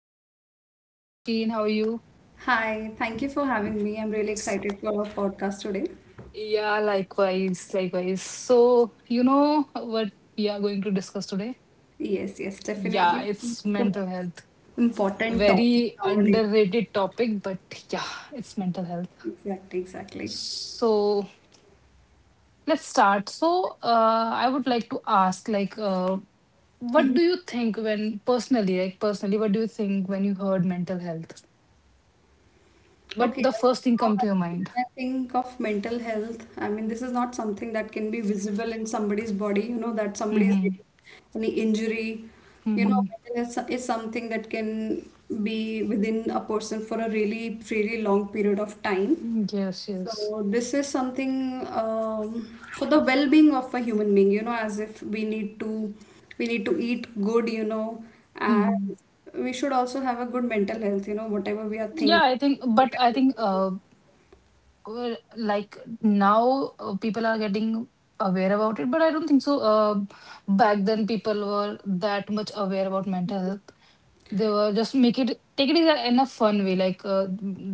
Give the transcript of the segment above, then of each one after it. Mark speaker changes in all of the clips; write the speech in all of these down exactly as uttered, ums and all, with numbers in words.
Speaker 1: Oshin. Hi, Oshin. How are you?
Speaker 2: Hi, thank you for having me. I'm really excited for our podcast today.
Speaker 1: Yeah, likewise, likewise. So, you know what we are going to discuss today?
Speaker 2: Yes, yes,
Speaker 1: Yeah,
Speaker 2: definitely.
Speaker 1: it's
Speaker 2: It's the most
Speaker 1: mental health.
Speaker 2: important topic
Speaker 1: Very
Speaker 2: nowadays.
Speaker 1: underrated topic, but yeah, it's mental health.
Speaker 2: Exactly, exactly.
Speaker 1: So, let's start. So, uh, I would like to ask, like, uh, what do you think when personally like personally what do you think when you heard mental health, what
Speaker 2: Okay,
Speaker 1: the
Speaker 2: yes.
Speaker 1: first thing
Speaker 2: Now,
Speaker 1: come to your mind?
Speaker 2: when I think of mental health, I mean, this is not something that can be visible in somebody's body, you know, that somebody is
Speaker 1: Mm-hmm.
Speaker 2: getting any injury. You know,
Speaker 1: Mm-hmm.
Speaker 2: mental health so, is something that can be within a person for a really, really long period of time.
Speaker 1: Yes, yes.
Speaker 2: So this is something um, for the well-being of a human being, you know, as if we need to we need to eat good, you know, and
Speaker 1: Hmm.
Speaker 2: we should also have a good mental health, you know, whatever we are
Speaker 1: yeah
Speaker 2: thinking.
Speaker 1: I think but I think uh uh, Like now uh, people are getting aware about it, but i don't think so uh back then people were that much aware about mental health. They were just make it take it in a in a fun way, like uh,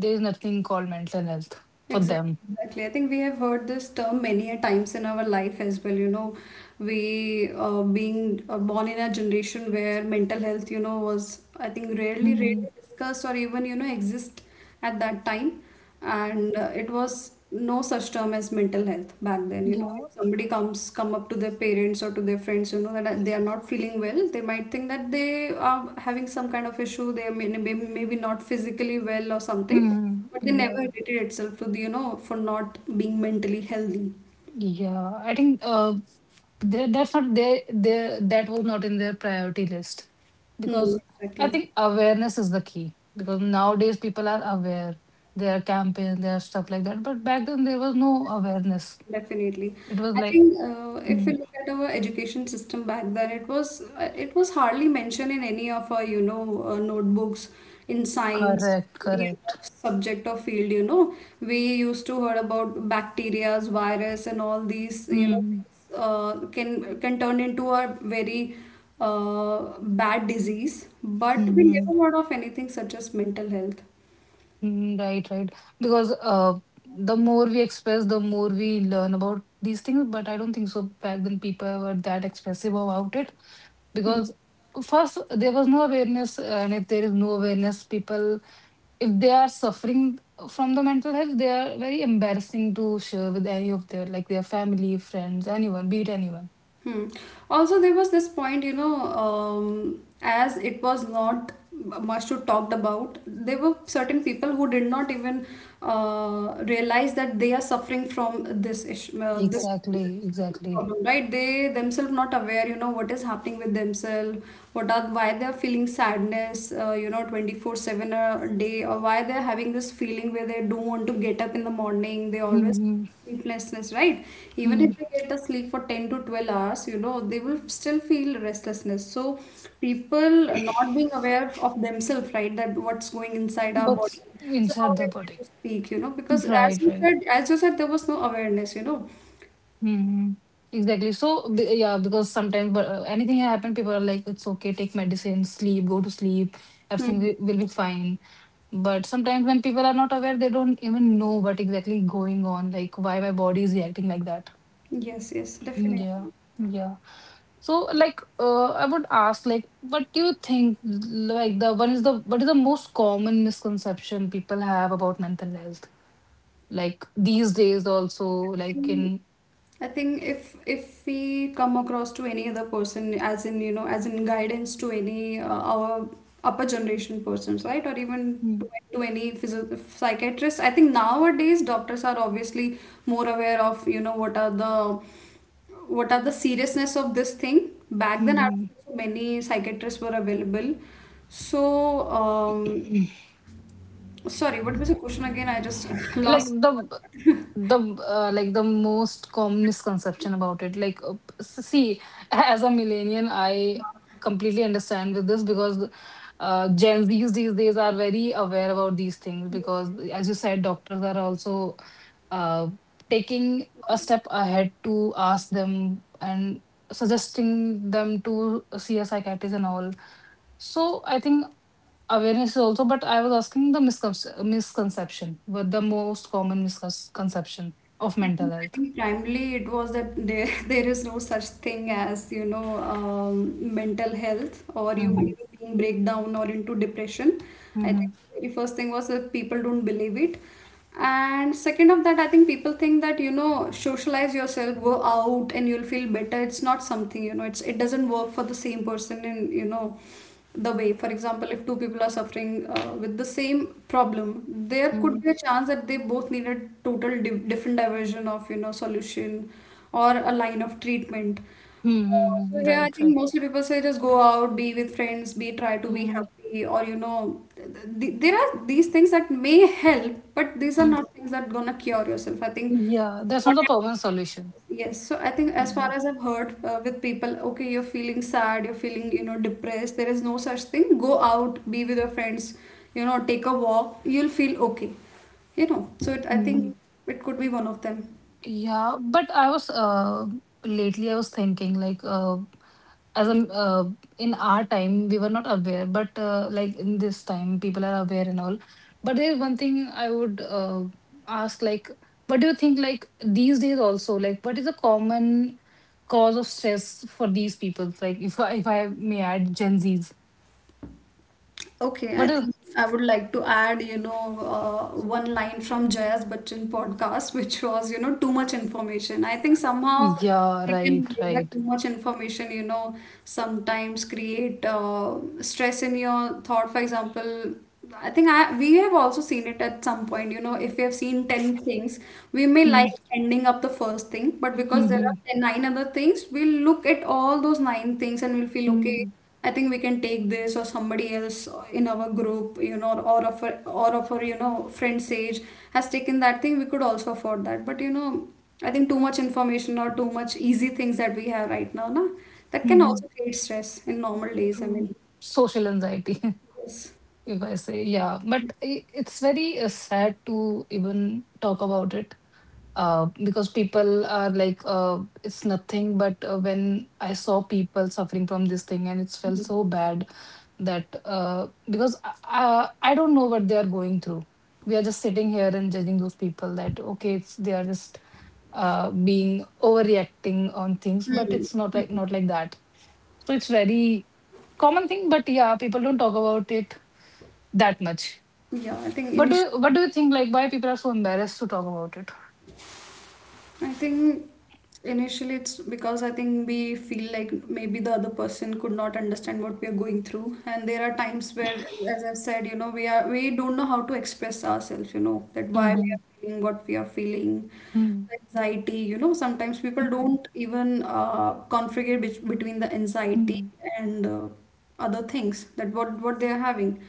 Speaker 1: there is nothing called mental health for
Speaker 2: Exactly,
Speaker 1: them.
Speaker 2: exactly. I think we have heard this term many a times in our life as well. You know, we uh, being uh, born in a generation where mental health, you know, was I think rarely, rarely
Speaker 1: Hmm.
Speaker 2: discussed or even you know exist at that time, and uh, it was no such term as mental health back then. You know,
Speaker 1: Yeah.
Speaker 2: if somebody comes come up to their parents or to their friends, you know that they are not feeling well, they might think that they are having some kind of issue. They may maybe maybe not physically well or something,
Speaker 1: Hmm.
Speaker 2: but they
Speaker 1: Yeah.
Speaker 2: never hated itself to the, you know, for not being mentally healthy.
Speaker 1: Yeah. I think uh, they, that's not their their that was not in their priority list,
Speaker 2: Hmm,
Speaker 1: because I
Speaker 2: exactly.
Speaker 1: think awareness is the key, because nowadays people are aware. There are campaigns, there are stuff like that. But back then there was no awareness.
Speaker 2: Definitely.
Speaker 1: It was
Speaker 2: I
Speaker 1: like,
Speaker 2: think uh, if
Speaker 1: hmm,
Speaker 2: we look at our education system back then, it was uh, it was hardly mentioned in any of our, you know, uh, notebooks in science,
Speaker 1: correct,
Speaker 2: any
Speaker 1: correct.
Speaker 2: other subject or field, you know. We used to heard about bacteria, virus, and all these, you know,
Speaker 1: Hmm.
Speaker 2: things uh, can can turn into a very uh, bad disease, but we
Speaker 1: Mm-hmm.
Speaker 2: never heard of anything such as mental health.
Speaker 1: Right, right. Because uh, the more we express, the more we learn about these things. But I don't think so. Back then people were that expressive about it, because first there was no awareness, and if there is no awareness, people, if they are suffering from the mental health, they are very embarrassing to share with any of their, like, their family, friends, anyone, be it anyone.
Speaker 2: Hmm. Also, there was this point, you know, um, as it was not much to talked about, there were certain people who did not even uh, realize that they are suffering from this issue, uh, this
Speaker 1: Exactly, exactly.
Speaker 2: problem, right? They themselves not aware, you know, what is happening with themselves, what are why they are feeling sadness, uh, you know, twenty-four seven a day, or why they are having this feeling where they don't want to get up in the morning. They always
Speaker 1: Mm-hmm.
Speaker 2: sleeplessness, right? Even
Speaker 1: Hmm.
Speaker 2: if they get a sleep for ten to twelve hours, you know, they will still feel restlessness. So, people are not being aware of themselves, right, that what's going inside our
Speaker 1: But
Speaker 2: body. So, how
Speaker 1: inside their
Speaker 2: we're going
Speaker 1: body.
Speaker 2: to speak, you know, because as
Speaker 1: Right,
Speaker 2: you
Speaker 1: right.
Speaker 2: said, as you said, there was no awareness, you know.
Speaker 1: Hmm. Exactly, so, b- yeah, because sometimes, but uh, anything happen, people are like, it's okay, take medicine, sleep, go to sleep, everything
Speaker 2: Hmm.
Speaker 1: wi- will be fine. But sometimes when people are not aware, they don't even know what exactly going on, like why my body is reacting like that.
Speaker 2: Yes, yes, definitely.
Speaker 1: Yeah, yeah. So, like, uh, I would ask, like, what do you think? Like the one is the What is the most common misconception people have about mental health? Like these days also, like
Speaker 2: think-
Speaker 1: in.
Speaker 2: I think if if we come across to any other person, as in you know, as in guidance to any uh, our upper generation persons, right, or even to, to any physio- psychiatrist, I think nowadays doctors are obviously more aware of you know what are the what are the seriousness of this thing. Back
Speaker 1: Hmm,
Speaker 2: then, I
Speaker 1: hmm,
Speaker 2: don't think so many psychiatrists were available. So, um,
Speaker 1: hmm.
Speaker 2: sorry, what was the question again? I just
Speaker 1: Like
Speaker 2: lost.
Speaker 1: the the uh, like the most common misconception about it, like, uh, s- see, as a millennial, I completely understand with this, because uh, Gen Z's these days are very aware about these things, because as you said, doctors are also uh, taking a step ahead to ask them and suggesting them to see a psychiatrist and all. So I think awareness is also, but I was asking the miscon- misconception, what the most common misconception of
Speaker 2: I
Speaker 1: mental
Speaker 2: think, I
Speaker 1: health.
Speaker 2: think primarily it was that there, there is no such thing as, you know, um, mental health or you mhm
Speaker 1: Mm-hmm.
Speaker 2: being being breakdown or into depression. I
Speaker 1: Mm-hmm.
Speaker 2: think the first thing was that people don't believe it. And second of that, I think people think that, you know, socialize yourself, go out and you'll feel better. It's not something, you know, it's it doesn't work for the same person and, you know, the way for example if two people are suffering uh, with the same problem there could
Speaker 1: Mm-hmm.
Speaker 2: be a chance that they both need a total di- different diversion of you know solution or a line of treatment. Uh, so
Speaker 1: Mm-hmm.
Speaker 2: here I
Speaker 1: Right,
Speaker 2: think
Speaker 1: right.
Speaker 2: mostly people say just go out be with friends be try to be
Speaker 1: Mm-hmm.
Speaker 2: happy or you know th- th- there are these things that may help but these are not things that gonna cure yourself I think.
Speaker 1: Yeah, that's not a permanent solution.
Speaker 2: Yes, so I think as far
Speaker 1: Mm-hmm.
Speaker 2: as I've heard uh, with people, okay, you're feeling sad, you're feeling, you know, depressed. There is no such thing. Go out, be with your friends, you know, take a walk. You'll feel okay. You know, so it, I think
Speaker 1: Mm-hmm.
Speaker 2: it could be one of them.
Speaker 1: Yeah, but I was uh, lately I was thinking like, uh, as a uh, in our time we were not aware, but uh, like in this time people are aware and all. But there's one thing I would uh, ask, like, what do you think, like these days also, like, what is the common cause of stress for these people? Like, if I, if I may add Gen Zs,
Speaker 2: Okay, I
Speaker 1: what is?
Speaker 2: think I would like to add, you know, uh, one line from Jayas Bachchan podcast, which was, you know, too much information. I think somehow
Speaker 1: Yeah,
Speaker 2: I can
Speaker 1: right,
Speaker 2: relate that
Speaker 1: right.
Speaker 2: too much information, you know, sometimes create uh, stress in your thought. For example, I think I, we have also seen it at some point, you know, if we have seen ten things, we may like
Speaker 1: Hmm,
Speaker 2: ending up the first thing, but
Speaker 1: hmm,
Speaker 2: because there
Speaker 1: hmm,
Speaker 2: are ten, nine other things, we'll look at all those nine things and we'll feel okay.
Speaker 1: hmm,
Speaker 2: I think we can take this or somebody else in our group, you know, or of our, or of our, you know, friend's age has taken that thing, we could also afford that. But you know, I think too much information or too much easy things that we have right now, na, that
Speaker 1: hmm,
Speaker 2: can
Speaker 1: hmm.
Speaker 2: also create stress in normal days. I mean,
Speaker 1: True. Social anxiety.
Speaker 2: yes.
Speaker 1: If I say, yeah. But i- it's very uh, sad to even talk about it, uh, because people are like, uh, it's nothing. But uh, when I saw people suffering from this thing, and it felt so bad that, uh, because I, I, I don't know what they are going through. We are just sitting here and judging those people that, okay, it's, they are just uh, being overreacting on things, but it's not like not like that. So it's very common thing, but yeah, people don't talk about it that much.
Speaker 2: Yeah, I think
Speaker 1: What do
Speaker 2: initially.
Speaker 1: you, what do you think? Like, why people are so embarrassed to talk about it?
Speaker 2: I think initially it's because I think we feel like maybe the other person could not understand what we are going through. And there are times where, as I've said, you know, we are we don't know how to express ourselves, you know, that why we
Speaker 1: Mm-hmm.
Speaker 2: are feeling what we are feeling,
Speaker 1: Mm-hmm.
Speaker 2: the anxiety, you know, sometimes people don't even uh, configure bet- between the anxiety and uh, other things that what what they are having.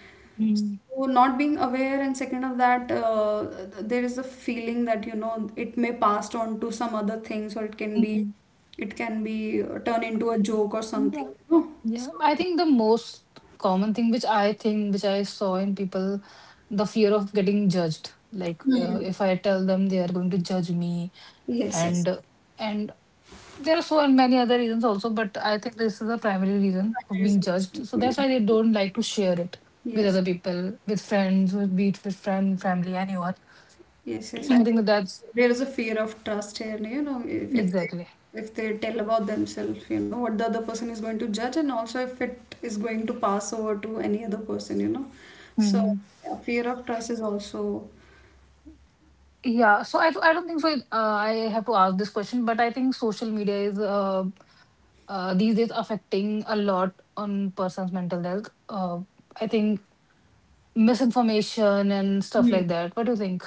Speaker 2: So not being aware, and second of that, uh, there is a feeling that you know it may passed on to some other things, or it can be,
Speaker 1: Mm-hmm.
Speaker 2: it can be uh, turned into a joke or something.
Speaker 1: Yeah,
Speaker 2: You know?
Speaker 1: yeah.
Speaker 2: So,
Speaker 1: I think the most common thing which I think which I saw in people, the fear of getting judged. Like, uh,
Speaker 2: hmm.
Speaker 1: if I tell them, they are going to judge me,
Speaker 2: Yes, yes,
Speaker 1: and and there are so many other reasons also, but I think this is the primary reason of being
Speaker 2: comparison,
Speaker 1: judged. So that's
Speaker 2: exactly.
Speaker 1: why they don't like to share it with
Speaker 2: Yes.
Speaker 1: other people, with friends, with, be it with friend, family, anyone.
Speaker 2: Yes, yes. I
Speaker 1: I think
Speaker 2: think
Speaker 1: that that's
Speaker 2: there is a fear of trust here. You know, if, if they
Speaker 1: exactly.
Speaker 2: if they tell about themselves, you know, what the other person is going to judge, and also if it is going to pass over to any other person, you know. So
Speaker 1: Hmm.
Speaker 2: yeah, fear of trust is also.
Speaker 1: Yeah. So I, I don't think so. Uh, I have to ask this question, but I think social media is, uh, uh, these days affecting a lot on person's mental health. Uh, I think misinformation and stuff like that. What do you think?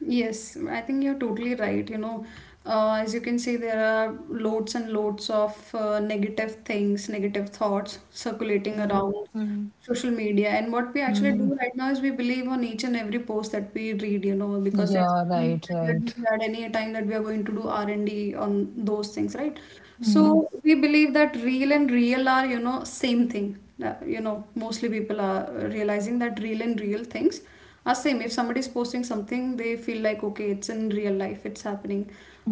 Speaker 2: Yes, I think you're totally right. You know, uh, as you can see, there are loads and loads of uh, negative things, negative thoughts circulating around
Speaker 1: Mm-hmm.
Speaker 2: social media. And what we actually do right now is we believe on each and every post that we read, you know, because there's
Speaker 1: Yeah.
Speaker 2: any
Speaker 1: Right.
Speaker 2: time that we
Speaker 1: Right.
Speaker 2: had, any time that we are going to do R and D on those things, right?
Speaker 1: Mm-hmm.
Speaker 2: So we believe that real and real are, you know, same thing. Uh, you know, mostly people are realizing that real and real things. Uh, same, if somebody is posting something, they feel like, okay, it's in real life, it's happening,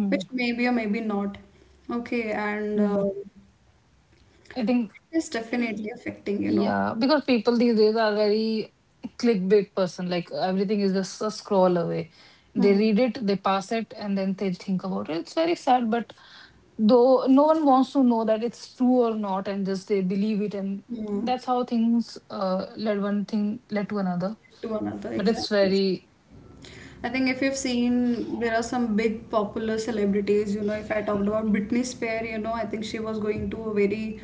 Speaker 2: which maybe or maybe not. Okay, and uh,
Speaker 1: I think,
Speaker 2: it's definitely affecting, you know.
Speaker 1: yeah, because people these days are very clickbait person. Like everything is just a scroll away. They
Speaker 2: Hmm.
Speaker 1: read it, they pass it, and then they think about it. It's very sad, but though no one wants to know that it's true or not, and just they believe it, and
Speaker 2: Hmm.
Speaker 1: that's how things uh, led one thing led to another.
Speaker 2: To another,
Speaker 1: But it's
Speaker 2: exactly.
Speaker 1: very,
Speaker 2: I think if you've seen, there are some big popular celebrities. You know, if I talked about Britney Spears, you know, I think she was going to a very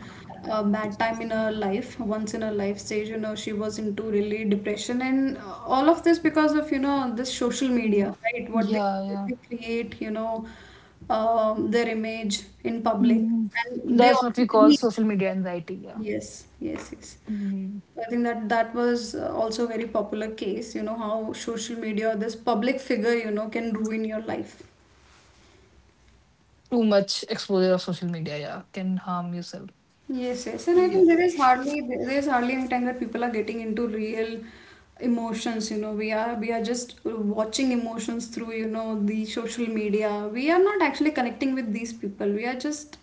Speaker 2: uh, bad time in her life, once in her life stage. You know, she was into really depression, and uh, all of this because of you know this social
Speaker 1: mm,
Speaker 2: media, right? What they,
Speaker 1: yeah,
Speaker 2: what
Speaker 1: yeah.
Speaker 2: they create, you know, um, their image in public,
Speaker 1: Mhm.
Speaker 2: and they
Speaker 1: That's what we
Speaker 2: also
Speaker 1: call
Speaker 2: believe.
Speaker 1: social media anxiety. Yeah.
Speaker 2: Yes, yes, yes.
Speaker 1: Mhm.
Speaker 2: I think that that was uh, also a very popular case, you know, how social media, or this public figure, you know, can ruin your life.
Speaker 1: Too much exposure of social media, yeah, can harm yourself.
Speaker 2: Yes, yes, and I
Speaker 1: Yeah.
Speaker 2: think there is hardly there is hardly any time that people are getting into real emotions, you know. We are we are just watching emotions through, you know, the social media. We are not actually connecting with these people. We are just,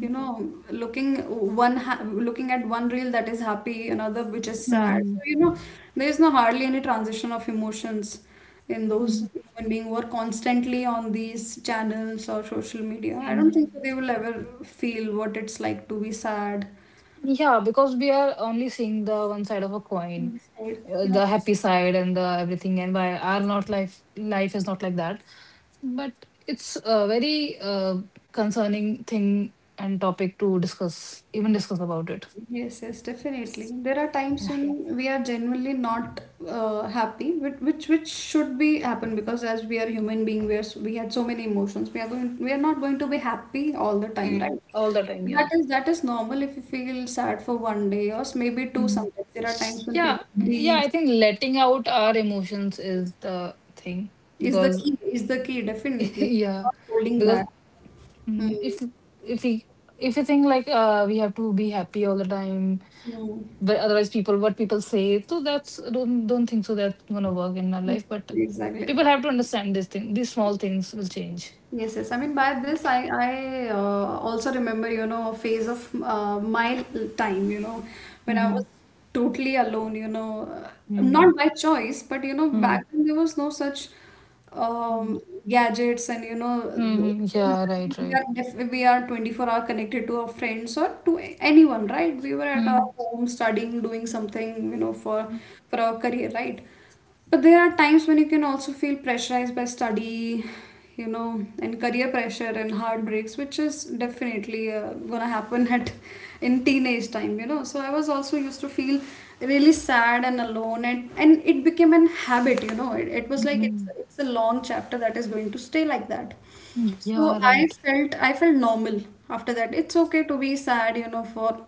Speaker 2: you know, looking one ha looking at one reel that is happy, another which is sad. So,
Speaker 1: Mhm.
Speaker 2: you know, there is no hardly any transition of emotions. And those
Speaker 1: Mhm.
Speaker 2: human beings who are constantly on these channels or social media, I don't think so
Speaker 1: Mhm.
Speaker 2: they will ever feel what it's like to be sad.
Speaker 1: Yeah, because we are only seeing the one side of a coin,
Speaker 2: So,
Speaker 1: uh,
Speaker 2: yeah.
Speaker 1: the happy side and the everything, and why our not life life is not like that. But it's a very uh, concerning thing and topic to discuss, even discuss about it.
Speaker 2: Yes, yes, definitely. There are times
Speaker 1: Yeah.
Speaker 2: when we are genuinely not uh, happy, which, which which should be happen because as we are human being, we are s- we had so many emotions. We are going, we are not going to be happy all the time,
Speaker 1: Mm.
Speaker 2: right?
Speaker 1: All the time, yeah.
Speaker 2: That is that is normal if you feel sad for one day or s- maybe two
Speaker 1: Hmm.
Speaker 2: sometimes. There are times when
Speaker 1: Yeah,
Speaker 2: people
Speaker 1: yeah,
Speaker 2: grieve.
Speaker 1: I think letting out our emotions is the thing
Speaker 2: Is the
Speaker 1: because
Speaker 2: key, is the key, definitely.
Speaker 1: yeah,
Speaker 2: Not holding
Speaker 1: because.
Speaker 2: back. Hmm.
Speaker 1: Mm, if you- if we, if you think like uh we have to be happy all the time,
Speaker 2: Hmm.
Speaker 1: but otherwise people what people say, so that's, don't don't think so that's gonna work in our life, but
Speaker 2: Exactly, exactly.
Speaker 1: people have to understand this thing, these small things will change.
Speaker 2: Yes, yes. I mean, by this, I I uh, also remember, you know, a phase of uh, my l- time, you know, when I
Speaker 1: Mm-hmm.
Speaker 2: was totally alone, you know, uh,
Speaker 1: Mm.
Speaker 2: not by choice, but you know,
Speaker 1: Mm.
Speaker 2: back then there was no such
Speaker 1: Mm.
Speaker 2: um, gadgets and you know
Speaker 1: Mm.
Speaker 2: things.
Speaker 1: Yeah, right,
Speaker 2: Exactly. we
Speaker 1: right.
Speaker 2: are def- we are twenty-four hour connected to our friends or to a- anyone, right? We were at
Speaker 1: Mm.
Speaker 2: our home studying, doing something, you know, for for our career, right? But there are times when you can also feel pressurized by study, you know, and career pressure and heartbreaks, which is definitely uh, gonna happen at in teenage time, you know. So I was also used to feel really sad and alone, and and it became an habit, you know. It, it
Speaker 1: Mm.
Speaker 2: was like it's
Speaker 1: Mm,
Speaker 2: it's a long chapter that is going to stay like that.
Speaker 1: yeah,
Speaker 2: So
Speaker 1: right.
Speaker 2: I felt I felt normal after that. It's okay to be sad, you know, for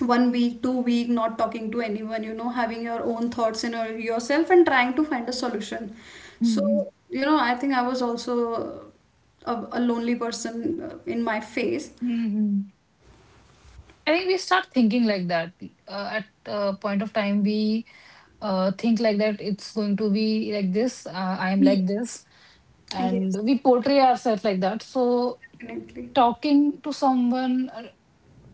Speaker 2: one week, two week, not talking to anyone, you know, having your own thoughts in your, yourself and trying to find a solution.
Speaker 1: Mm-hmm.
Speaker 2: So, you know, I think I was also a, a lonely person uh, in my phase.
Speaker 1: Mm-hmm. I think we start thinking like that. Uh, at a point of time, we uh, think like that it's going to be like this, uh, I am
Speaker 2: Mm.
Speaker 1: like this, and
Speaker 2: Yes,
Speaker 1: we portray ourselves like that. So,
Speaker 2: definitely.
Speaker 1: talking to someone uh,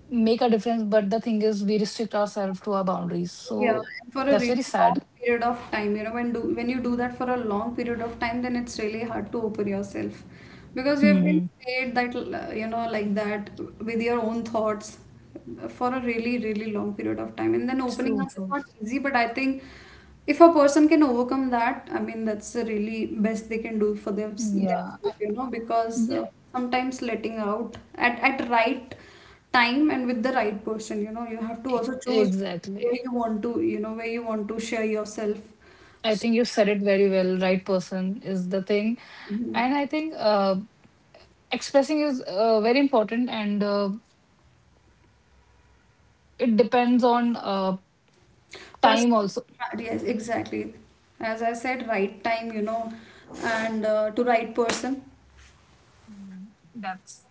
Speaker 1: make a difference, but the thing is, we restrict ourselves to our boundaries.
Speaker 2: Yeah,
Speaker 1: So,
Speaker 2: and for a
Speaker 1: that's very
Speaker 2: really long
Speaker 1: sad.
Speaker 2: period of time, you know, when do when you do that for a long period of time, then it's really hard to open yourself, because you have been
Speaker 1: Hmm.
Speaker 2: stayed that l- you know like that with your own thoughts for a really really long period of time, and then opening
Speaker 1: True,
Speaker 2: up is
Speaker 1: true.
Speaker 2: not easy. But I think if a person can overcome that, I mean, that's the really best they can do for them,
Speaker 1: Yeah,
Speaker 2: themselves,
Speaker 1: I-
Speaker 2: you know, because uh,
Speaker 1: yeah,
Speaker 2: sometimes letting out at at right time and with the right person you know you have to
Speaker 1: e-
Speaker 2: also choose where
Speaker 1: exactly.
Speaker 2: you want to you know where you want to share yourself.
Speaker 1: I
Speaker 2: So,
Speaker 1: think you said it very well. Right person is the thing.
Speaker 2: mhm.
Speaker 1: And I think uh, expressing is uh, very important, and uh, it depends on uh, time
Speaker 2: Personal,
Speaker 1: also.
Speaker 2: uh, yes, exactly. As I said, right time, you know, and uh, to right person.
Speaker 1: Mhm. That's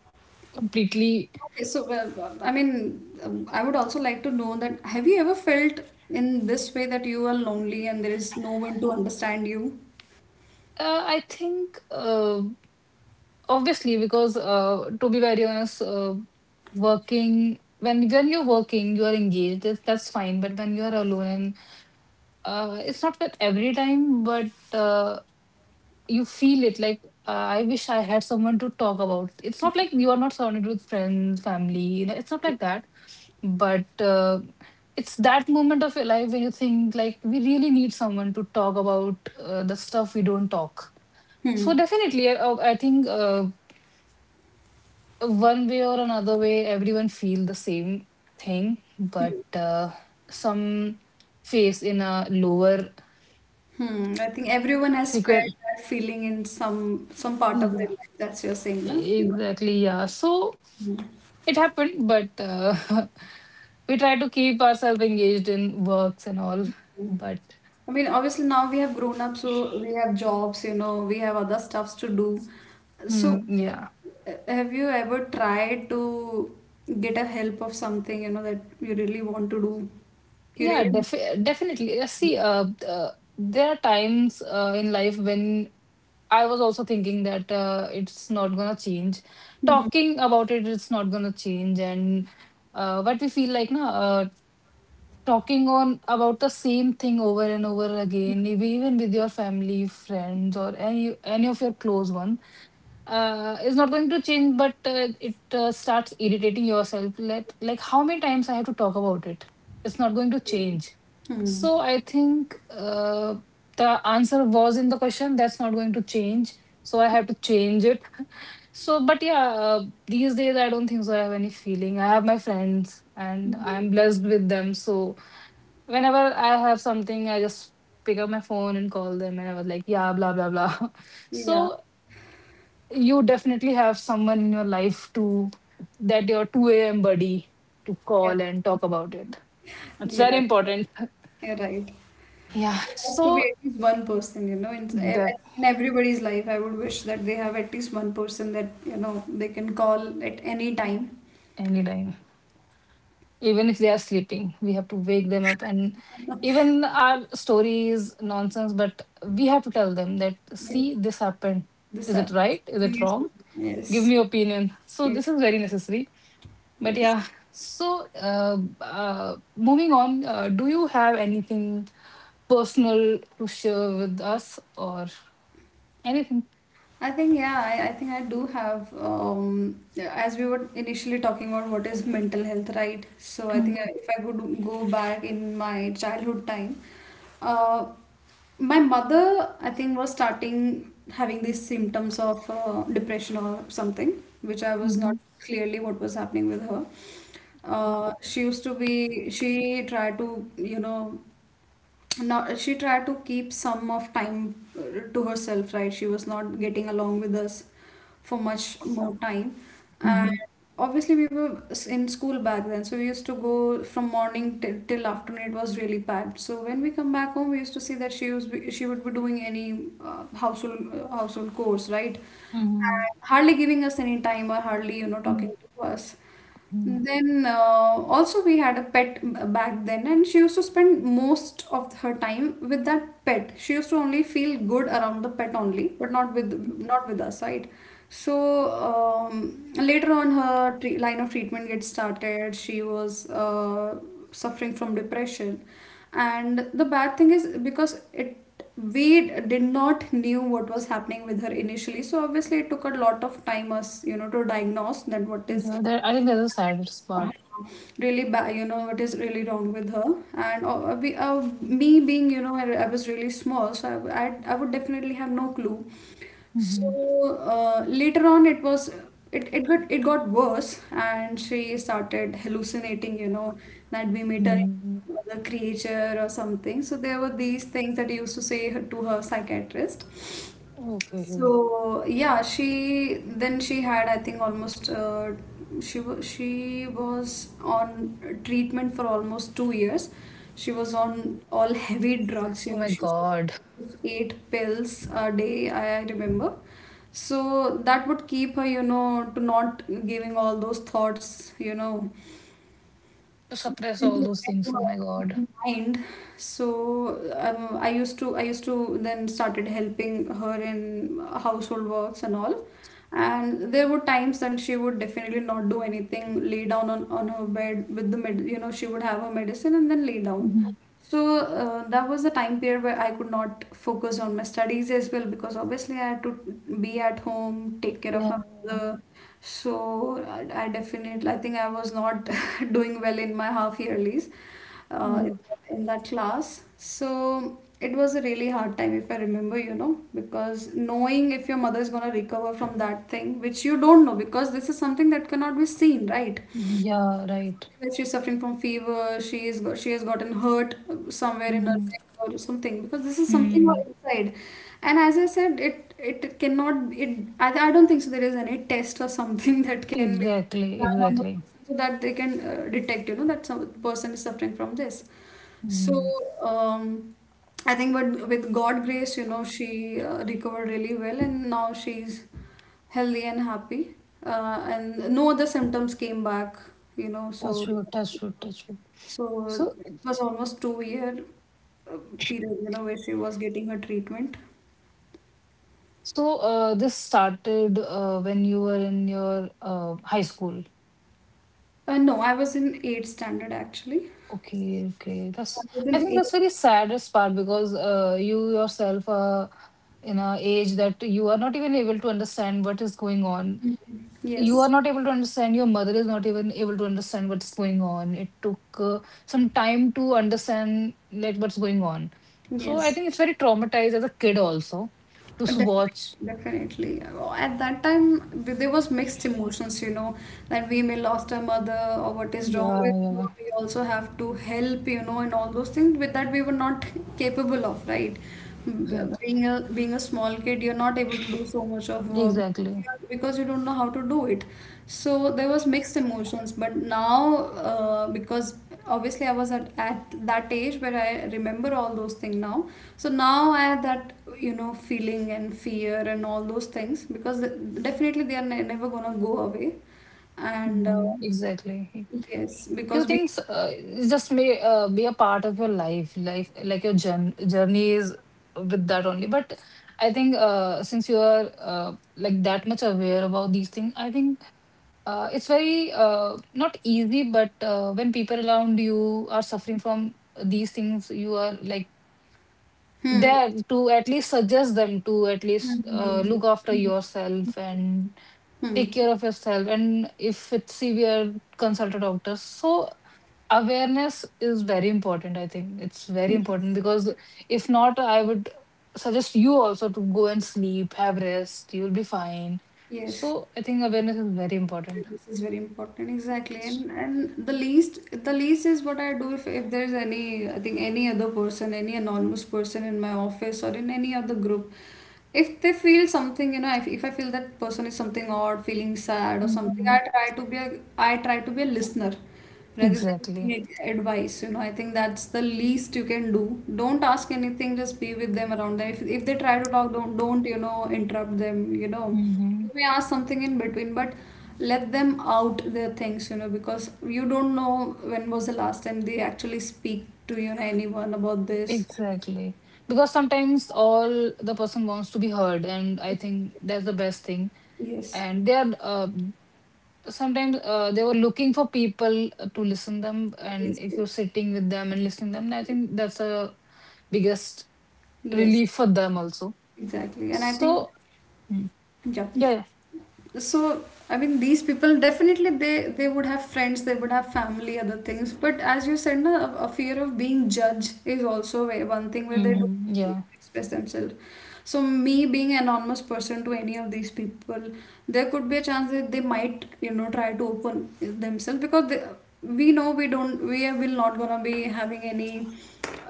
Speaker 1: completely,
Speaker 2: Okay, so well, uh, I mean, um, I would also like to know that have you ever felt in this way that you are lonely and there is no one to understand you?
Speaker 1: uh, I think, uh, obviously, because uh, to be very honest, uh, working, when, when you're working, you're engaged, that's that's fine. But when you're alone, uh, it's not that every time, but uh, you feel it like, uh, I wish I had someone to talk about. It's not like you are not surrounded with friends, family, you know, it's not like that, but uh, it's that moment of your life where you think like we really need someone to talk about uh, the stuff we don't talk. So,
Speaker 2: Hmm.
Speaker 1: definitely, i, I I think uh, one way or another way, everyone feel the same thing, but uh, some face in a lower
Speaker 2: Hmm, I think everyone has felt
Speaker 1: frequency.
Speaker 2: that feeling in some some part of their
Speaker 1: Yeah,
Speaker 2: life. That's you're saying, no? You know,
Speaker 1: exactly, yeah. So it happened, but uh, we try to keep ourselves engaged in works and all, but
Speaker 2: I mean, obviously now we have grown up, so we have jobs, you know, we have other stuffs to do. So,
Speaker 1: mm, yeah.
Speaker 2: uh, have you ever tried to get a help of something, you know, that you really want to do? You
Speaker 1: Yeah,
Speaker 2: really want
Speaker 1: defi-
Speaker 2: to do.
Speaker 1: definitely. Uh, See, uh, uh, there are times uh, in life when I was also thinking that uh, it's not gonna change.
Speaker 2: Mhm.
Speaker 1: Talking about it, it's not gonna change, and uh, what we feel like, na, uh, talking on about the same thing over and over again, maybe even with your family, friends, or any any of your close ones uh, is not going to change, but uh, it uh, starts irritating yourself. Let Like, how many times I have to talk about it? It's not going to change. So I think uh, the answer was in the question. That's not going to change. So I have to change it. So, but yeah, uh, these days I don't think so. I have any feeling. I have my friends, and
Speaker 2: Mhm.
Speaker 1: I'm blessed with them. So whenever I have something, I just pick up my phone and call them, and I was like, yeah, blah blah blah.
Speaker 2: Yeah.
Speaker 1: So you definitely have someone in your life to, that your two a m buddy, to
Speaker 2: Yeah.
Speaker 1: call and talk about it. It's very
Speaker 2: Yeah,
Speaker 1: important.
Speaker 2: you're right.
Speaker 1: Yeah.
Speaker 2: There has to be
Speaker 1: So
Speaker 2: at least one person, you know, in, e-
Speaker 1: the
Speaker 2: in everybody's life. I would wish that they have at least one person that, you know, they can call at any time.
Speaker 1: anytime, even if they are sleeping, we have to wake them up, and even our story is nonsense, but we have to tell them that,
Speaker 2: Yes,
Speaker 1: see, this happened.
Speaker 2: this
Speaker 1: Is it
Speaker 2: happens.
Speaker 1: right? Is it
Speaker 2: Yes,
Speaker 1: wrong? Give
Speaker 2: yes,
Speaker 1: me opinion. So this
Speaker 2: yes.
Speaker 1: is very necessary. But
Speaker 2: Yes.
Speaker 1: yeah, so, uh, uh, moving on, uh, do you have anything personal to share with us or anything?
Speaker 2: I think yeah, I, I think I do have um as we were initially talking about what is mental health, right? So I think
Speaker 1: Mm-hmm.
Speaker 2: I- if I could go back in my childhood time, uh, my mother I think was starting having these symptoms of uh, depression or something, which I was
Speaker 1: Mm-hmm.
Speaker 2: not clearly what was happening with her. Uh, she used to be she tried to you know now she tried to keep some of time uh, to herself, right? She was not getting along with us for much more time, and
Speaker 1: Mm-hmm.
Speaker 2: obviously we were s- in school back then, so we used to go from morning till, till afternoon. It was really packed, so when we come back home, we used to see that she was she would be doing any uh, household uh, household chores, right,
Speaker 1: Mm-hmm.
Speaker 2: and hardly giving us any time, or hardly you know talking to us. Then uh, also we had a pet b- back then, and she used to spend most of her time with that pet. She used to only feel good around the pet only, but not with not with us, right? So um, later on, her tre line of treatment gets started. She was uh, suffering from depression, and the bad thing is because it we did not knew what was happening with her initially. So obviously, it took a lot of time us you know to diagnose that what is
Speaker 1: Yeah, there, I think there's a saddest part.
Speaker 2: really bad you know what is really wrong with her. And uh, we, uh, me being you know I, I was really small, so I, w- I, I would definitely have no clue.
Speaker 1: Mm-hmm.
Speaker 2: So uh, later on, it was it, it got it got worse and she started hallucinating you know that we made her into
Speaker 1: Mm-hmm.
Speaker 2: some other creature or something. So there were these things that I used to say her- to her psychiatrist.
Speaker 1: Okay.
Speaker 2: So yeah, she then she had, I think, almost uh, she wa- she was on treatment for almost two years. She was on all heavy drugs, you
Speaker 1: Oh
Speaker 2: know.
Speaker 1: my
Speaker 2: She was
Speaker 1: God.
Speaker 2: taking eight pills a day, I, I remember. So that would keep her, you know, to not giving all those thoughts, you know
Speaker 1: To suppress all
Speaker 2: into
Speaker 1: those things.
Speaker 2: into
Speaker 1: Oh my God.
Speaker 2: her mind. So um, I used to I used to then started helping her in household works and all. And there were times that she would definitely not do anything, lay down on, on her bed with the med, you know, she would have her medicine and then lay down.
Speaker 1: Mm-hmm.
Speaker 2: So uh, that was the time period where I could not focus on my studies as well, because obviously I had to be at home, take care of
Speaker 1: Yeah.
Speaker 2: my mother. So I, I definitely, I think I was not doing well in my half yearlies uh, in,
Speaker 1: Oh,
Speaker 2: that- in that class. So it was a really hard time, if I remember, you know, because knowing if your mother is gonna recover from that thing, which you don't know, because this is something that cannot be seen, right?
Speaker 1: yeah, right.
Speaker 2: That she's suffering from fever, she is go she has gotten hurt somewhere in her
Speaker 1: Mm-hmm.
Speaker 2: leg or something, because this is something all
Speaker 1: Mm.
Speaker 2: inside. And as I said, it it cannot it I, I don't think so there is any test or something that can be
Speaker 1: Exactly,
Speaker 2: done on the
Speaker 1: exactly.
Speaker 2: person, so that they can uh, detect you know that some person is suffering from this. So um, I think, but with God grace, you know, she uh, recovered really well, and now she's healthy and happy, uh, and no other symptoms came back, you know
Speaker 1: Touch
Speaker 2: so
Speaker 1: wood, touch wood, touch wood.
Speaker 2: so
Speaker 1: So,
Speaker 2: it was almost two year uh, period, you know where she was getting her treatment.
Speaker 1: so uh, this started uh, when you were in your uh, high school.
Speaker 2: Uh, no, I was in eighth standard actually,
Speaker 1: Okay, okay.
Speaker 2: so
Speaker 1: That's
Speaker 2: I was
Speaker 1: I
Speaker 2: in
Speaker 1: think that's
Speaker 2: eighth.
Speaker 1: very saddest part because uh, you yourself are in a age that you are not even able to understand what is going on.
Speaker 2: Mhm.
Speaker 1: You are
Speaker 2: Yes,
Speaker 1: not able to understand. Your mother is not even able to understand what's going on. It took uh, some time to understand like what's going on. So I
Speaker 2: yes.
Speaker 1: think it's very traumatized as a kid also to s-
Speaker 2: Definitely,
Speaker 1: watch.
Speaker 2: definitely. Well, at that time, th- there was mixed emotions, you know, that we may lost our mother or what is wrong with her.
Speaker 1: Yeah,
Speaker 2: We also have to help, you know, and all those things with that we were not capable of, right? Mm,
Speaker 1: exactly.
Speaker 2: B- Being a being a small kid, you're not able to do so much of work,
Speaker 1: Exactly.
Speaker 2: because you don't know how to do it, so there was mixed emotions. But now uh, because obviously I was at, at that age where I remember all those things now, so now I had that you know feeling and fear and all those things, because the, definitely they are ne- never gonna go away. And uh,
Speaker 1: Mhm. Exactly.
Speaker 2: yes,
Speaker 1: Few
Speaker 2: because we,
Speaker 1: things uh, just may uh, be a part of your life, life like your jour- journey is with that only. But I think uh, since you are uh, like that much aware about these things, I think uh, it's very uh, not easy. But uh, when people around you are suffering from these things, you are like
Speaker 2: hmm,
Speaker 1: there to at least suggest them to at
Speaker 2: hmm,
Speaker 1: least
Speaker 2: hmm,
Speaker 1: uh,
Speaker 2: hmm.
Speaker 1: look after yourself and
Speaker 2: Hmm.
Speaker 1: take care of yourself, and if it's severe, consult a doctor. So awareness is very important. I think it's very important because if not, I would suggest you also to go and sleep, have rest, you'll be fine.
Speaker 2: Yes,
Speaker 1: So I think awareness is very important.
Speaker 2: this is very important, exactly.
Speaker 1: It's-
Speaker 2: And and the least the least is what I do, if, if, there's any I think any other person, any anonymous person in my office or in any other group, if they feel something, you know, if, if I feel that person is something odd, feeling sad or something,
Speaker 1: Mhm.
Speaker 2: I try to be a I try to be a listener rather than
Speaker 1: Exactly.
Speaker 2: giving ad- advice. You know, I think that's the least you can do. Don't ask anything, just be with them, around them. If, if they try to talk, don't, don't, you know, interrupt them, you know. You
Speaker 1: Mhm.
Speaker 2: may ask something in between, but let them out their things, you know, because you don't know when was the last time they actually speak to, you know, anyone about this.
Speaker 1: Exactly. Because sometimes all the person wants to be heard, and I think that's the best thing.
Speaker 2: Yes.
Speaker 1: And they are uh, sometimes uh, they were looking for people uh, to listen them, and
Speaker 2: Yes,
Speaker 1: if you're
Speaker 2: yes.
Speaker 1: sitting with them and listening them, I think that's a biggest
Speaker 2: Yes,
Speaker 1: relief for them also.
Speaker 2: exactly. And I think.
Speaker 1: So mm,
Speaker 2: Yeah.
Speaker 1: yeah, yeah,
Speaker 2: So, I mean, these people definitely they they would have friends, they would have family, other things. But as you said, na, a, a fear of being judged is also way one thing where they
Speaker 1: mhm,
Speaker 2: don't
Speaker 1: yeah,
Speaker 2: express themselves. So, me being an anonymous person to any of these people, there could be a chance that they might, you know, try to open themselves because they, we know we don't we are- will not gonna be having any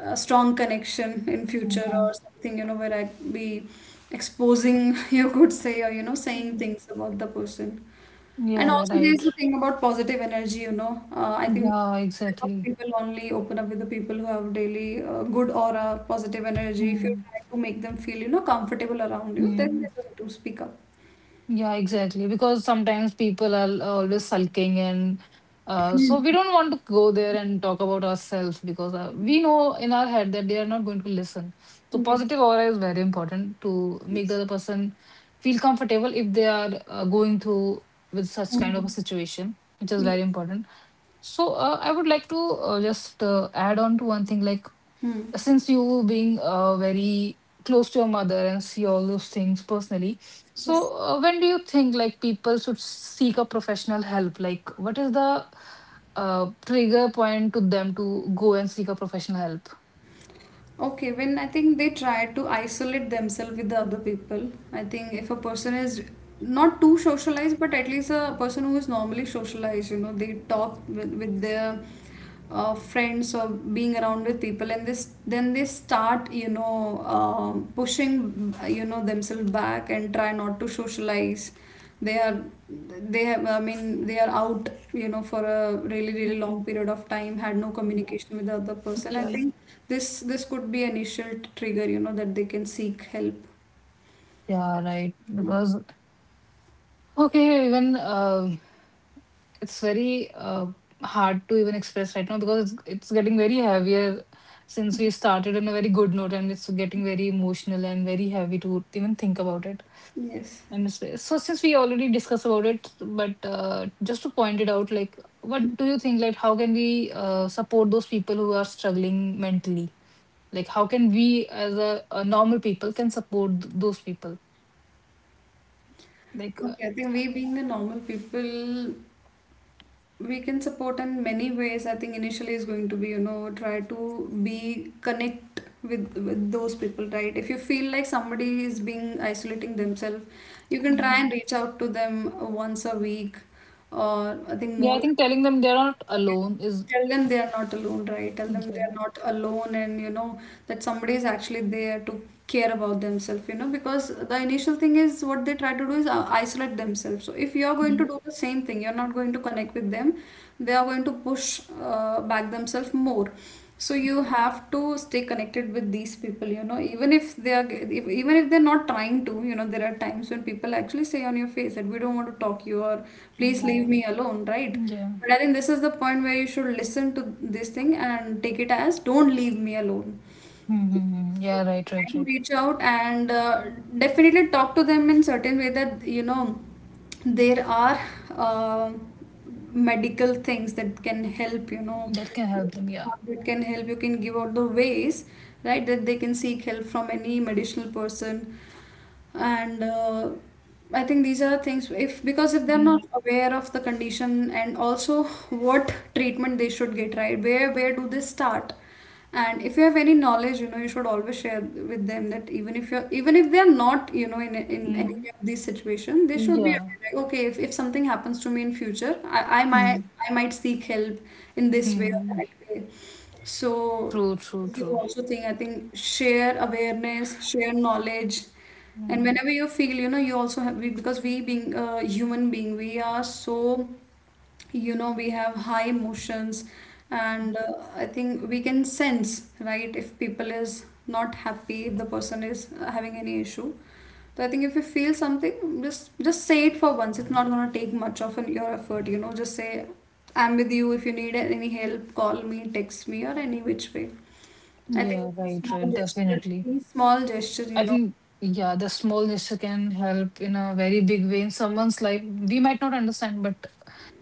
Speaker 2: uh, strong connection in future
Speaker 1: mhm.
Speaker 2: or something, you know, where I be exposing you could say, or you know, saying
Speaker 1: Mm,
Speaker 2: things about the person. And
Speaker 1: yeah, yeah,
Speaker 2: also there's
Speaker 1: right,
Speaker 2: the thing about positive energy, you know. Uh, i think
Speaker 1: yeah,
Speaker 2: these type of
Speaker 1: exactly.
Speaker 2: people only open up with the people who have daily uh, good aura, positive energy. If you try to make them feel, you know, comfortable around you, then
Speaker 1: Mm-hmm.
Speaker 2: they're going to speak up.
Speaker 1: Yeah, exactly. Because sometimes people are always sulking, and uh, so we don't want to go there and talk about ourselves because uh, we know in our head that they are not going to listen. So,
Speaker 2: Yes.
Speaker 1: positive aura is very important to make the
Speaker 2: Yes.
Speaker 1: other person feel comfortable if they are uh, going through with such kind of a
Speaker 2: Hmm.
Speaker 1: situation, which is
Speaker 2: Yes.
Speaker 1: very important. So, uh, I would like to uh, just uh, add on to one thing like
Speaker 2: Hmm.
Speaker 1: since you being uh, very close to your mother and see all those things personally,
Speaker 2: Yes.
Speaker 1: so uh, when do you think like people should seek a professional help? Like, what is the uh, trigger point to them to go and seek a professional help?
Speaker 2: Okay, when I think they try to isolate themselves with the other people, I think if a person is not too socialized, but at least a person who is normally socialized, you know, they talk with, with their uh, friends or being around with people, and this then they start, you know, um pushing, you know, themselves back and try not to socialize. They are they have i mean they are out, you know, for a really really long period of time, had no
Speaker 1: Mhm.
Speaker 2: communication with the other person. I
Speaker 1: Yeah, yeah,
Speaker 2: think this this could be an initial trigger, you know, that they can seek help.
Speaker 1: yeah, right, because okay, even um it's very uh, hard to even express right now because it's, it's getting very heavier since we started on a very good note, and it's getting very emotional and very heavy to even think about it.
Speaker 2: Yes.
Speaker 1: And so, so since we already discussed about it, but uh, just to point it out, like, what do you think? Like, how can we uh, support those people who are struggling mentally? Like, how can we, as a, a normal people, can support th- those people? Like,
Speaker 2: Okay, I think we being the normal people, we can support in many ways. I think initially is going to be, you know, try to be connect with, with those people, right? If you feel like somebody is being isolating themselves, you can try and reach out to them once a week, or I think
Speaker 1: yeah,
Speaker 2: more.
Speaker 1: I think telling them they're not alone is
Speaker 2: Tell them they are not alone, right? Tell them they are
Speaker 1: yeah.
Speaker 2: not alone, and you know that somebody is actually there to care about themselves, you know, because the initial thing is what they try to do is uh, isolate themselves. So if you're going to
Speaker 1: Mhm.
Speaker 2: do the same thing, you're not going to connect with them, they are going to push uh, back themselves more. So you have to stay connected with these people, you know, even if they are, if, even if they're not trying to, you know, there are times when people actually say on your face that we don't want to talk you, or please
Speaker 1: Mm.
Speaker 2: leave me alone, right?
Speaker 1: Yeah.
Speaker 2: But I think this is the point where you should listen to this thing and take it as don't leave me alone.
Speaker 1: Mm-hmm. Yeah, right,
Speaker 2: Try
Speaker 1: right,
Speaker 2: to
Speaker 1: right.
Speaker 2: reach out and uh, definitely talk to them in certain way that you know there are uh, medical things that can help, you know,
Speaker 1: That can help them, yeah.
Speaker 2: that can help. You can give out the ways, right, that they can seek help from any medicinal person. And uh, I think these are things, if, because if they're not aware of the condition and also what treatment they should get, right, where where do they start. And if you have any knowledge, you know, you should always share with them, that even if you're even if they're not, you know, in, in any
Speaker 1: Mm-hmm.
Speaker 2: of these situations, they should be
Speaker 1: Yeah.
Speaker 2: aware, like okay, if, if something happens to me in future, I, I might i might seek help in this way or
Speaker 1: Mm-hmm.
Speaker 2: that way. So
Speaker 1: True, true,
Speaker 2: this is
Speaker 1: true.
Speaker 2: also thing, I think, share awareness, share knowledge. And
Speaker 1: Mm.
Speaker 2: whenever you feel, you know, you also have, we, because we being a human being, we are so, you know, we have high emotions. And uh, I think we can sense, right, if people is not happy, if the person is uh, having any issue. So I think if you feel something, just just say it for once. It's not gonna take much of an, your effort, you know. Just say, I'm with you. If you need any help, call me, text me, or
Speaker 1: Mm.
Speaker 2: any which way. I
Speaker 1: Yeah,
Speaker 2: think these
Speaker 1: right,
Speaker 2: small
Speaker 1: right.
Speaker 2: gesture,
Speaker 1: Definitely.
Speaker 2: these small gesture, you
Speaker 1: I
Speaker 2: know.
Speaker 1: think, yeah, the small gesture can help in a very big way in someone's life. We might not understand, but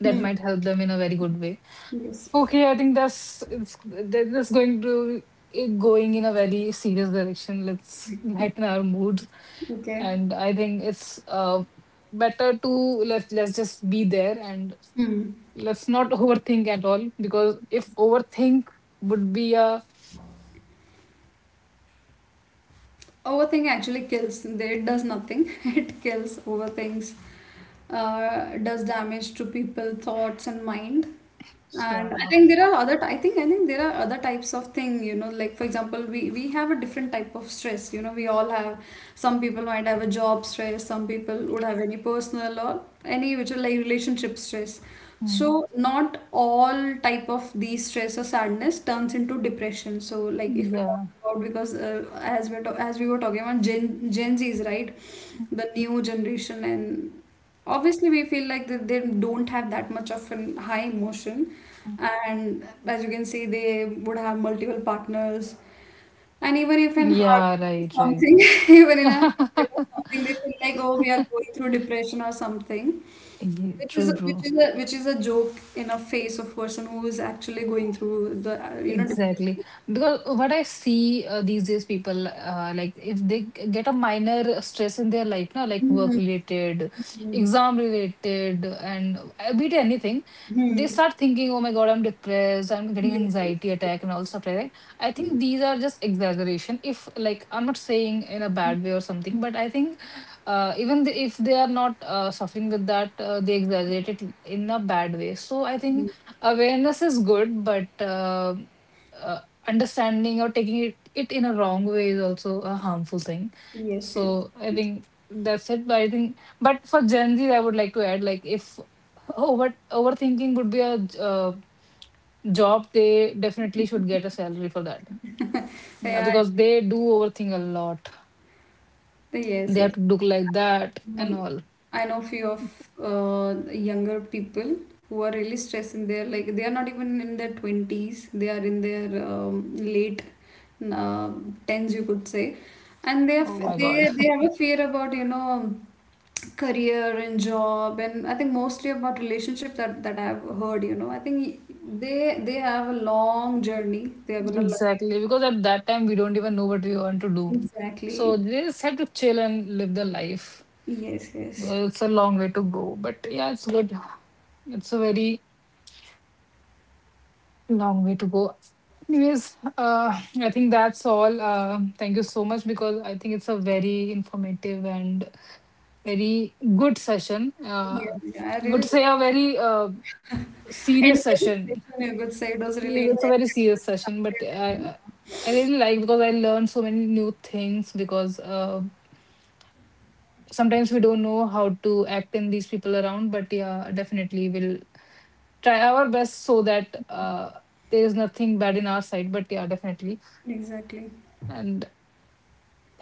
Speaker 1: that might help them in a very good way.
Speaker 2: Yes.
Speaker 1: Okay, I think that's it's that- that's going to it going in a very serious direction. Let's lighten our mood,
Speaker 2: Okay.
Speaker 1: and I think it's uh better to let let's just be there and
Speaker 2: Hmm.
Speaker 1: let's not overthink at all because if overthink would be a
Speaker 2: Overthink actually kills. There it does nothing. It kills. Overthinks uh, does damage to people, thoughts, and mind.
Speaker 1: yeah
Speaker 2: And I think there are other. I think I think there are other types of thing, you know, like for example, we we have a different type of stress. You know, we all have. Some people might have a job stress. Some people would have any personal or any which are like relationship stress.
Speaker 1: mm,
Speaker 2: So not all type of these stress or sadness turns into depression. So like if we talk
Speaker 1: yeah
Speaker 2: about, because uh, as we're ta- as we were talking about Gen Gen Zs, right? The new generation, and obviously we feel like that they don't have that much of an high emotion,
Speaker 1: mm,
Speaker 2: and as you can see, they would have multiple partners, and even if in
Speaker 1: yeah
Speaker 2: heartbreak
Speaker 1: right
Speaker 2: or
Speaker 1: right.
Speaker 2: something, even in a heartbreak or something, they feel like, oh, we are going through depression or something.
Speaker 1: Yeah,
Speaker 2: Which is
Speaker 1: true,
Speaker 2: which
Speaker 1: true.
Speaker 2: is a, which is a joke in a face of person who is actually going through the uh, you know, depression.
Speaker 1: Exactly. Because what I see uh, these days, people uh, like if they g- get a minor stress in their life, now like work related, exam related, and a bit anything, they start thinking, oh my God, I'm depressed, I'm getting anxiety attack and all stuff like that. I think these are just exaggeration. If like I'm not saying in a bad way or something, but I think uh, even the, if they are not uh, suffering with that, uh, they exaggerate it in a bad way. So I think awareness is good, but uh, uh, understanding or taking it, it in a wrong way is also a harmful thing.
Speaker 2: Yes, yes.
Speaker 1: So I think that's it. But I think, but for Gen Z, I would like to add like if over overthinking would be a uh, job, they definitely should get a salary for that. Yeah,
Speaker 2: Yeah, I-
Speaker 1: because they do overthink a lot.
Speaker 2: yes,
Speaker 1: They have
Speaker 2: yes.
Speaker 1: to look like that and
Speaker 2: Um,
Speaker 1: all.
Speaker 2: I know few of uh, younger people who are really stressing. They're like they are not even in their twenties. They are in their um, late uh, tens, you could say, and they have
Speaker 1: Oh my God.
Speaker 2: they they have a fear about, you know, um, career and job, and I think mostly about relationship, that that I've heard. You know, I think they they have a long journey. They are gonna love.
Speaker 1: Exactly. Because at that time, we don't even know what we want to do. So
Speaker 2: Exactly.
Speaker 1: they just have to chill and live the life.
Speaker 2: Yes, yes.
Speaker 1: Uh, It's a long way to go, but yeah, it's good. It's a very long way to go. Anyways, uh, I think that's all. Uh, thank you so much because I think it's a very informative and very good session.
Speaker 2: Yeah,
Speaker 1: Uh,
Speaker 2: yeah, I really
Speaker 1: would say
Speaker 2: like
Speaker 1: a very uh,
Speaker 2: it. And
Speaker 1: serious
Speaker 2: the
Speaker 1: session.
Speaker 2: session, you could say, it was really
Speaker 1: It's a
Speaker 2: intense
Speaker 1: very
Speaker 2: as
Speaker 1: serious
Speaker 2: it
Speaker 1: session, but
Speaker 2: started. And,
Speaker 1: I I I really like because I learned so many new things because uh, sometimes we don't know how to act in these people around, but yeah, definitely we'll try our best so that uh, there is nothing bad in our side, but yeah, definitely.
Speaker 2: yeah, exactly.
Speaker 1: And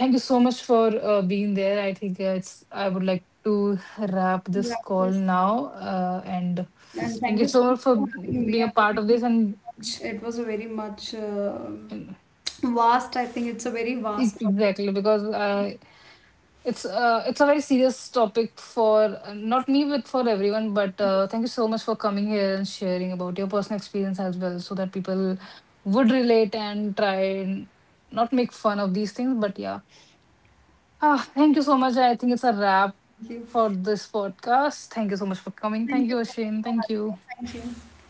Speaker 1: thank you so much for uh, being there. I think uh, it's I would like to wrap
Speaker 2: Yeah,
Speaker 1: this call
Speaker 2: yes.
Speaker 1: now uh, and
Speaker 2: And
Speaker 1: thank
Speaker 2: thank you
Speaker 1: you so
Speaker 2: so much
Speaker 1: much for
Speaker 2: for having me.
Speaker 1: being
Speaker 2: I
Speaker 1: a part of
Speaker 2: mean,
Speaker 1: this. And
Speaker 2: it was a very much, it was a very much uh, vast, I think it's a very vast
Speaker 1: Ex-
Speaker 2: topic.
Speaker 1: exactly, because I, it's uh, it's a very serious topic for not me, but for everyone. But uh,
Speaker 2: Yes.
Speaker 1: thank you so much for coming here and sharing about your personal experience as well, so that people would relate and try and not make fun of these things. But yeah, ah, thank you so much. I think it's a wrap
Speaker 2: Thank you.
Speaker 1: for this podcast. Thank you so much for coming. Thank
Speaker 2: Thank you
Speaker 1: you,
Speaker 2: so much
Speaker 1: Ashwin.
Speaker 2: for
Speaker 1: Thank you.
Speaker 2: having me. Thank you.